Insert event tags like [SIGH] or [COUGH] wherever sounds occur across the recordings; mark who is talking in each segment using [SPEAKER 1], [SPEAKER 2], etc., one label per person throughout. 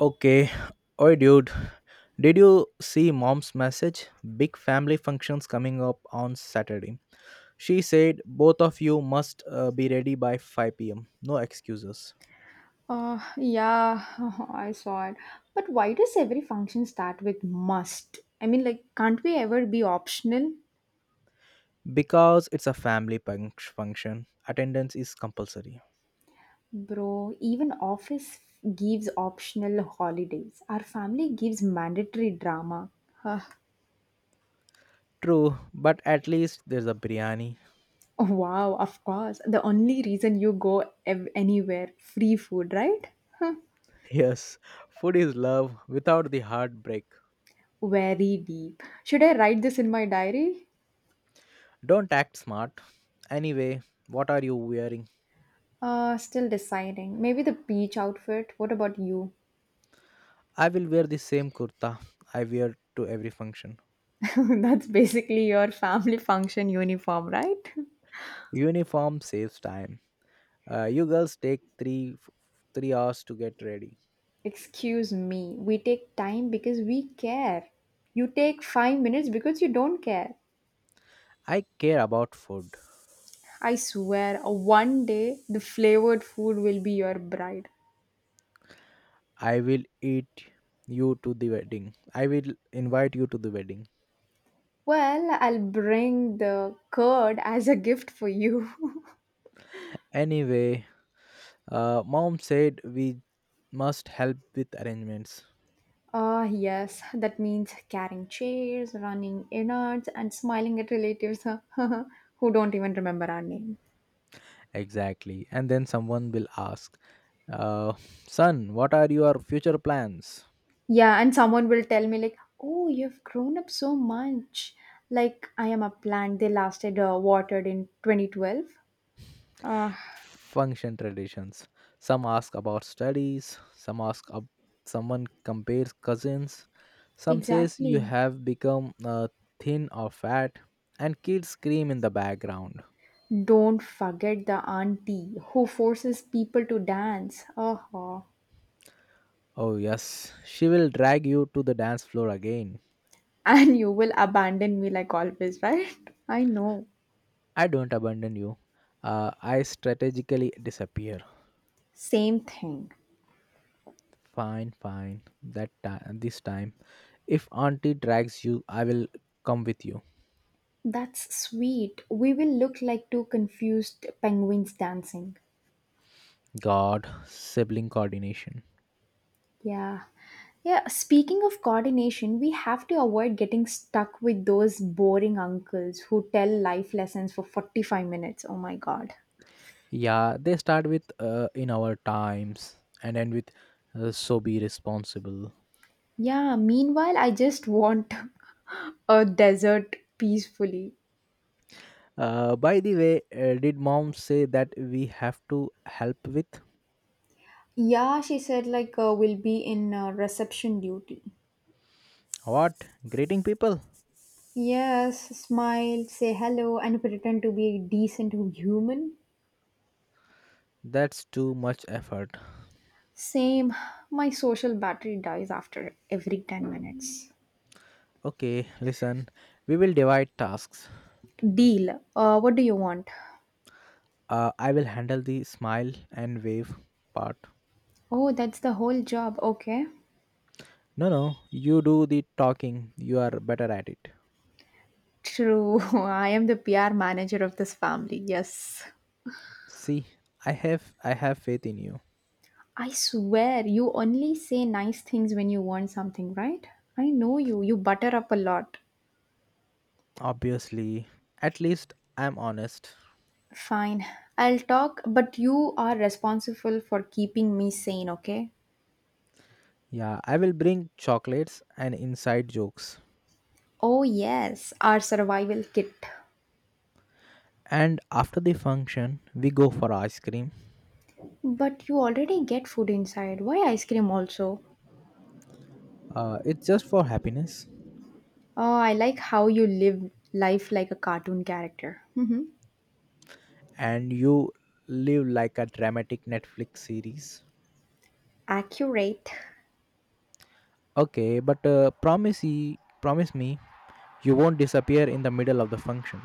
[SPEAKER 1] Okay. Oi, dude. Did you see mom's message? Big family functions coming up on Saturday. She said both of you must be ready by 5 pm. No excuses.
[SPEAKER 2] Uh, yeah, [LAUGHS] I saw it. But why does every function start with must? Can't we ever be optional?
[SPEAKER 1] Because it's a family function, attendance is compulsory.
[SPEAKER 2] Bro, even office gives optional holidays. Our family gives mandatory drama. Huh.
[SPEAKER 1] True, but at least there's a biryani.
[SPEAKER 2] [LAUGHS] Wow, of course. The only reason you anywhere, free food, right? Huh.
[SPEAKER 1] [LAUGHS] Yes, food is love without the heartbreak.
[SPEAKER 2] Very deep. Should I write this in my diary?
[SPEAKER 1] Don't act smart. Anyway, what are you wearing?
[SPEAKER 2] Still deciding. Maybe the beach outfit. What about you?
[SPEAKER 1] I will wear the same kurta I wear to every function.
[SPEAKER 2] [LAUGHS] That's basically your family function uniform, right?
[SPEAKER 1] Uniform saves time. You girls take three hours to get ready.
[SPEAKER 2] [LAUGHS] Excuse me, we take time because we care. You take 5 minutes because you don't care.
[SPEAKER 1] I care about food.
[SPEAKER 2] I swear, one day the flavored food will be your bride.
[SPEAKER 1] I will eat you to the wedding. I will invite you to the wedding.
[SPEAKER 2] Well, I'll bring the curd as a gift for you. [LAUGHS]
[SPEAKER 1] Anyway, mom said we must help with arrangements.
[SPEAKER 2] Ah, yes, that means carrying chairs, running innards, and smiling at relatives [LAUGHS] who don't even remember our name.
[SPEAKER 1] Exactly. And then someone will ask, uh, "Son, what are your future plans?"
[SPEAKER 2] Yeah, and someone will tell me "Oh, you've grown up so much." Like I am a plant. They lasted watered in 2012. Uh,
[SPEAKER 1] Function traditions. Some ask about studies, some someone compares cousins, some says you
[SPEAKER 2] exactly.
[SPEAKER 1] have become thin or fat, and kids scream in the background.
[SPEAKER 2] Don't forget the auntie who forces people to dance. Uh-huh. [LAUGHS]
[SPEAKER 1] Oh yes, she will drag you to the dance floor again.
[SPEAKER 2] And you will abandon me like always, right? I know.
[SPEAKER 1] I don't abandon you. I strategically disappear.
[SPEAKER 2] Same thing.
[SPEAKER 1] Fine, fine. This time, if auntie drags you, I will come with you.
[SPEAKER 2] That's sweet. We will look like two confused penguins dancing.
[SPEAKER 1] God, sibling coordination.
[SPEAKER 2] Yeah. Yeah, speaking of coordination, we have to avoid getting stuck with those boring uncles who tell life lessons for 45 minutes. Oh my god.
[SPEAKER 1] Yeah, they start with in our times and end with so be responsible.
[SPEAKER 2] Yeah, meanwhile, I just want [LAUGHS] a desert peacefully.
[SPEAKER 1] By the way, did mom say that we have to help with
[SPEAKER 2] Yeah, she said, we'll be in reception duty.
[SPEAKER 1] what? Greeting people?
[SPEAKER 2] Yes, smile, say hello, and pretend to be a decent human.
[SPEAKER 1] That's too much effort.
[SPEAKER 2] Same, my social battery dies after every 10 minutes.
[SPEAKER 1] Okay, listen, we will divide tasks.
[SPEAKER 2] Deal. What do you want?
[SPEAKER 1] I will handle the smile and wave part.
[SPEAKER 2] Oh, that's the whole job. Okay.
[SPEAKER 1] No, no, you do the talking. You are better at it.
[SPEAKER 2] True. [LAUGHS] I am the PR manager of this family. Yes.
[SPEAKER 1] See, I have faith in you.
[SPEAKER 2] I swear, you only say nice things when you want something, right? I know you. You butter up a lot.
[SPEAKER 1] Obviously, at least I'm honest.
[SPEAKER 2] Fine. I'll talk, but you are responsible for keeping me sane, okay?
[SPEAKER 1] Yeah, I will bring chocolates and inside jokes.
[SPEAKER 2] Oh, yes. Our survival kit.
[SPEAKER 1] And after the function, we go for ice cream.
[SPEAKER 2] But you already get food inside. Why ice cream also?
[SPEAKER 1] It's just for happiness.
[SPEAKER 2] Oh, I like how you live life like a cartoon character. Mhm.
[SPEAKER 1] And you live like a dramatic Netflix series.
[SPEAKER 2] Accurate.
[SPEAKER 1] Okay, but promise me you won't disappear in the middle of the function.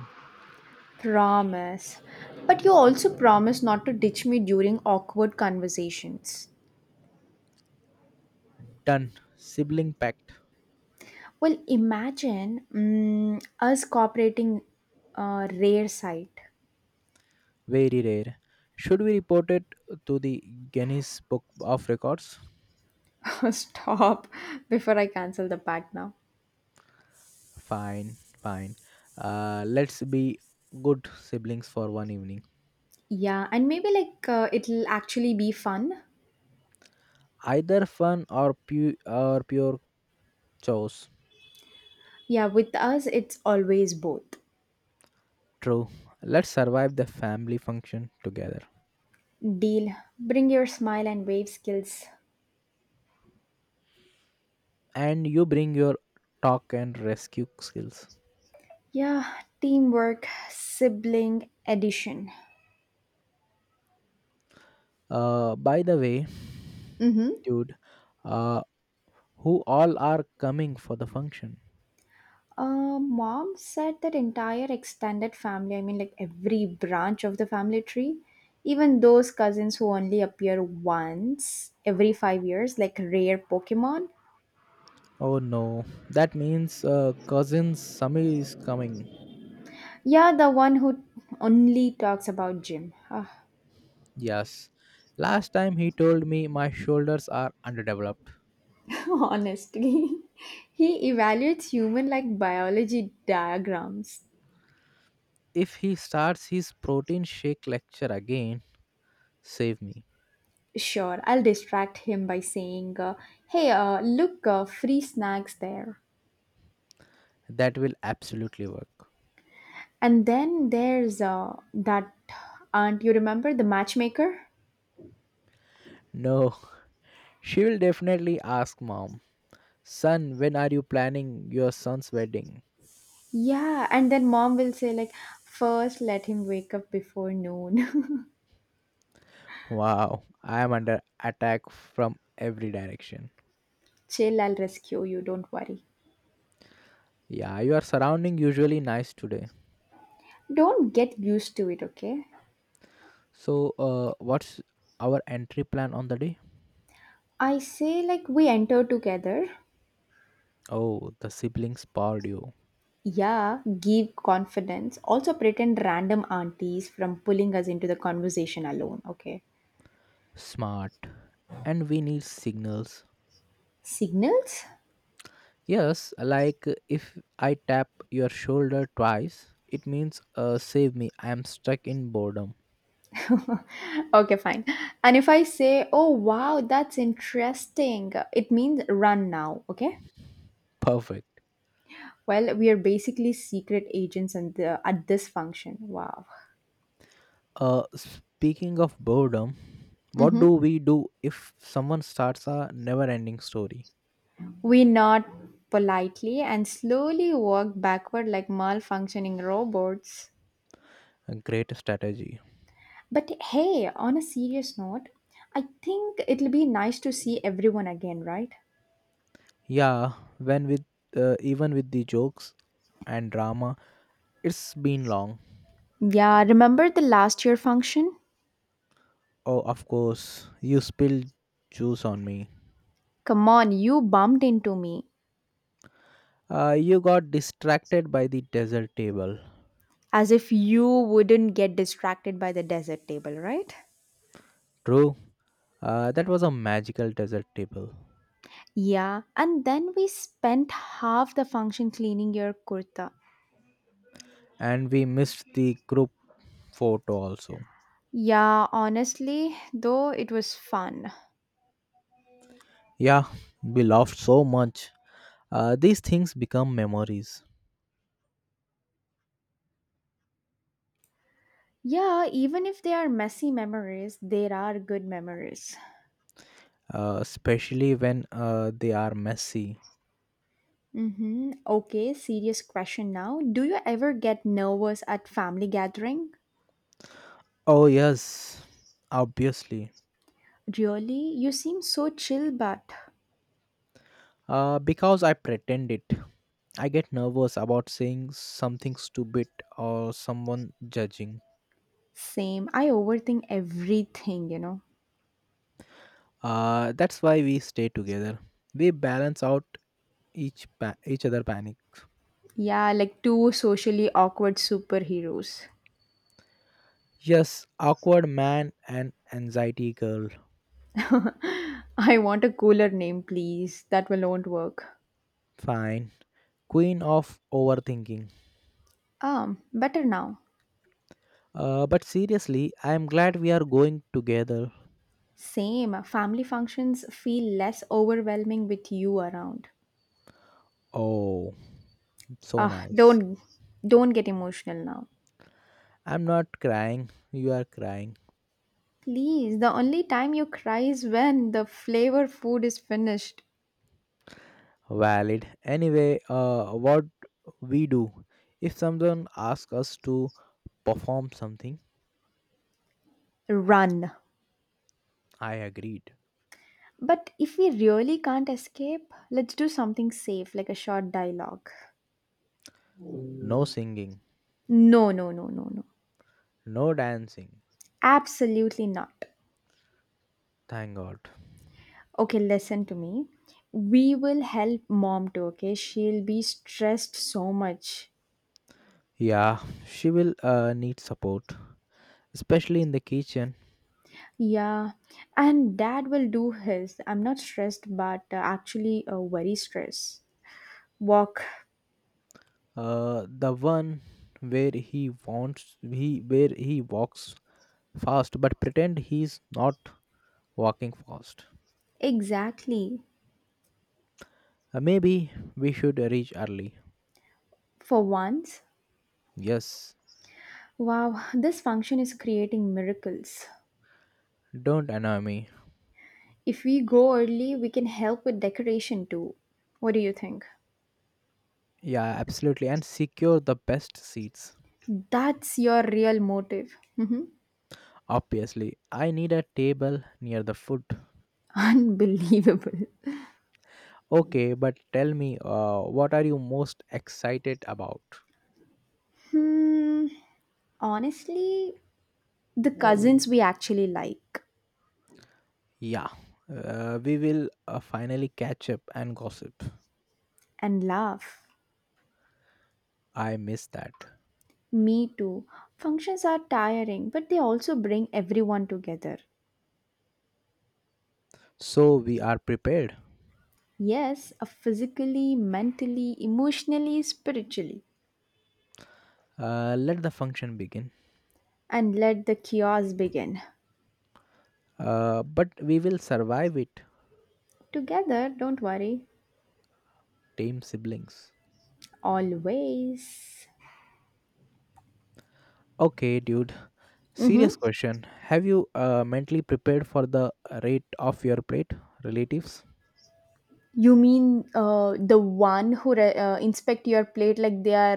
[SPEAKER 2] Promise. But you also promise not to ditch me during awkward conversations.
[SPEAKER 1] Done. Sibling pact.
[SPEAKER 2] Well, imagine us cooperating rare sight.
[SPEAKER 1] Very rare. Should we report it to the Guinness Book of Records?
[SPEAKER 2] [LAUGHS] Stop before I cancel the pact now.
[SPEAKER 1] Fine, fine. Let's be good siblings for one evening.
[SPEAKER 2] Yeah, and maybe it'll actually be fun.
[SPEAKER 1] Either fun or pure chores.
[SPEAKER 2] Yeah, with us, it's always both.
[SPEAKER 1] True. Let's survive the family function together.
[SPEAKER 2] Deal. Bring your smile and wave skills.
[SPEAKER 1] And you bring your talk and rescue skills.
[SPEAKER 2] Yeah, teamwork, sibling addition.
[SPEAKER 1] By the way,
[SPEAKER 2] Mm-hmm.
[SPEAKER 1] dude, uh, who all are coming for the function?
[SPEAKER 2] Mom said that entire extended family, every branch of the family tree, even those cousins who only appear once every 5 years, like rare Pokemon.
[SPEAKER 1] Oh no, that means cousin Sami is coming.
[SPEAKER 2] Yeah, the one who only talks about gym. Ah,
[SPEAKER 1] Yes. Last time he told me my shoulders are underdeveloped.
[SPEAKER 2] [LAUGHS] honestly, he evaluates human like biology diagrams.
[SPEAKER 1] If he starts his protein shake lecture again, save me.
[SPEAKER 2] Sure, I'll distract him by saying, Hey, look, free snacks there.
[SPEAKER 1] That will absolutely work.
[SPEAKER 2] And then there's that aunt, you remember, the matchmaker?
[SPEAKER 1] No, [LAUGHS] she will definitely ask mom, son, when are you planning your son's wedding?
[SPEAKER 2] Yeah, and then mom will say, first let him wake up before noon. [LAUGHS]
[SPEAKER 1] Wow, I am under attack from every direction.
[SPEAKER 2] Chill, I'll rescue you, don't worry.
[SPEAKER 1] Yeah, your surrounding usually nice today.
[SPEAKER 2] Don't get used to it, okay?
[SPEAKER 1] So, what's our entry plan on the day?
[SPEAKER 2] We enter together.
[SPEAKER 1] Oh, the siblings powered you.
[SPEAKER 2] Yeah, give confidence. Also, pretend random aunties from pulling us into the conversation alone, okay?
[SPEAKER 1] Smart. And we need signals.
[SPEAKER 2] Signals?
[SPEAKER 1] Yes, like if I tap your shoulder twice, it means save me, I am stuck in boredom.
[SPEAKER 2] Okay, fine. And if I say, oh, wow, that's interesting, it means run now, okay?
[SPEAKER 1] Perfect.
[SPEAKER 2] Well, we are basically secret agents at this function. Wow.
[SPEAKER 1] Speaking of boredom, what
[SPEAKER 2] hmm
[SPEAKER 1] do we do if someone starts a never-ending story?
[SPEAKER 2] We nod politely and slowly walk backward like malfunctioning robots.
[SPEAKER 1] A great strategy.
[SPEAKER 2] But hey, on a serious note, I think it'll be nice to see everyone again, right?
[SPEAKER 1] Yeah, when with even with the jokes and drama, it's been long.
[SPEAKER 2] Yeah, remember the last year function?
[SPEAKER 1] Oh, of course, you spilled juice on me.
[SPEAKER 2] Come on, you bumped into me.
[SPEAKER 1] You got distracted by the desert table.
[SPEAKER 2] As if you wouldn't get distracted by the dessert table, right?
[SPEAKER 1] True. That was a magical desert table,
[SPEAKER 2] Yeah, and then we spent half the function cleaning your kurta.
[SPEAKER 1] and we missed the group photo also.
[SPEAKER 2] Yeah, honestly, though it was fun.
[SPEAKER 1] Yeah, we laughed so much. These things become memories,
[SPEAKER 2] Yeah, even if they are messy memories, there are good memories.
[SPEAKER 1] especially when they are messy.
[SPEAKER 2] Mm-hmm. Okay, serious question now. Do you ever get nervous at family gathering?
[SPEAKER 1] Oh, yes, obviously.
[SPEAKER 2] Really? You seem so chill, but
[SPEAKER 1] Because I pretend it. I get nervous about saying something stupid or someone judging.
[SPEAKER 2] same. I overthink everything, you know.
[SPEAKER 1] That's why we stay together. We balance out each other panic.
[SPEAKER 2] Yeah, like two socially awkward superheroes.
[SPEAKER 1] Yes, awkward man and anxiety girl.
[SPEAKER 2] [LAUGHS] I want a cooler name, please. That will not work.
[SPEAKER 1] Fine. Queen of overthinking.
[SPEAKER 2] Better now.
[SPEAKER 1] But seriously, I am glad we are going together.
[SPEAKER 2] Same. Family functions feel less overwhelming with you around.
[SPEAKER 1] Oh, so
[SPEAKER 2] Ah,
[SPEAKER 1] nice.
[SPEAKER 2] don't get emotional now.
[SPEAKER 1] I'm not crying. You are crying.
[SPEAKER 2] Please, the only time you cry is when the flavor food is finished.
[SPEAKER 1] Valid. Anyway, what we do if someone asks us to perform something.
[SPEAKER 2] Run.
[SPEAKER 1] I agreed.
[SPEAKER 2] But if we really can't escape, let's do something safe, like a short dialogue.
[SPEAKER 1] No singing,
[SPEAKER 2] No, no, no, no, no.
[SPEAKER 1] no dancing.
[SPEAKER 2] Absolutely not.
[SPEAKER 1] Thank God.
[SPEAKER 2] Okay, listen to me. We will help mom too, okay? She'll be stressed so much.
[SPEAKER 1] Yeah, she will need support, especially in the kitchen.
[SPEAKER 2] Yeah, and dad will do his. I'm not stressed, but actually very stressed. Walk.
[SPEAKER 1] The one where he wants he where he walks fast, but pretend he's not walking fast.
[SPEAKER 2] Exactly.
[SPEAKER 1] Maybe we should reach early.
[SPEAKER 2] For once.
[SPEAKER 1] Yes,
[SPEAKER 2] Wow, this function is creating miracles.
[SPEAKER 1] don't annoy me.
[SPEAKER 2] If we go early, we can help with decoration too. What do you think?
[SPEAKER 1] Yeah, absolutely. And secure the best seats.
[SPEAKER 2] That's your real motive. Mhm.
[SPEAKER 1] Obviously, I need a table near the foot.
[SPEAKER 2] [LAUGHS] Unbelievable.
[SPEAKER 1] Okay, but tell me, what are you most excited about?
[SPEAKER 2] Hmm, honestly, the cousins we actually like
[SPEAKER 1] Yeah, we will finally catch up and gossip.
[SPEAKER 2] and love.
[SPEAKER 1] I miss that.
[SPEAKER 2] Me too. Functions are tiring, but they also bring everyone together.
[SPEAKER 1] So we are prepared.
[SPEAKER 2] Yes, physically, mentally, emotionally, spiritually.
[SPEAKER 1] Let the function begin.
[SPEAKER 2] And let the chaos begin.
[SPEAKER 1] But we will survive it,
[SPEAKER 2] Together, don't worry.
[SPEAKER 1] tame siblings.
[SPEAKER 2] Always.
[SPEAKER 1] Okay, dude, serious
[SPEAKER 2] Mm-hmm.
[SPEAKER 1] question. Have you mentally prepared for the rate of your plate relatives?
[SPEAKER 2] You mean the one who inspect your plate like they are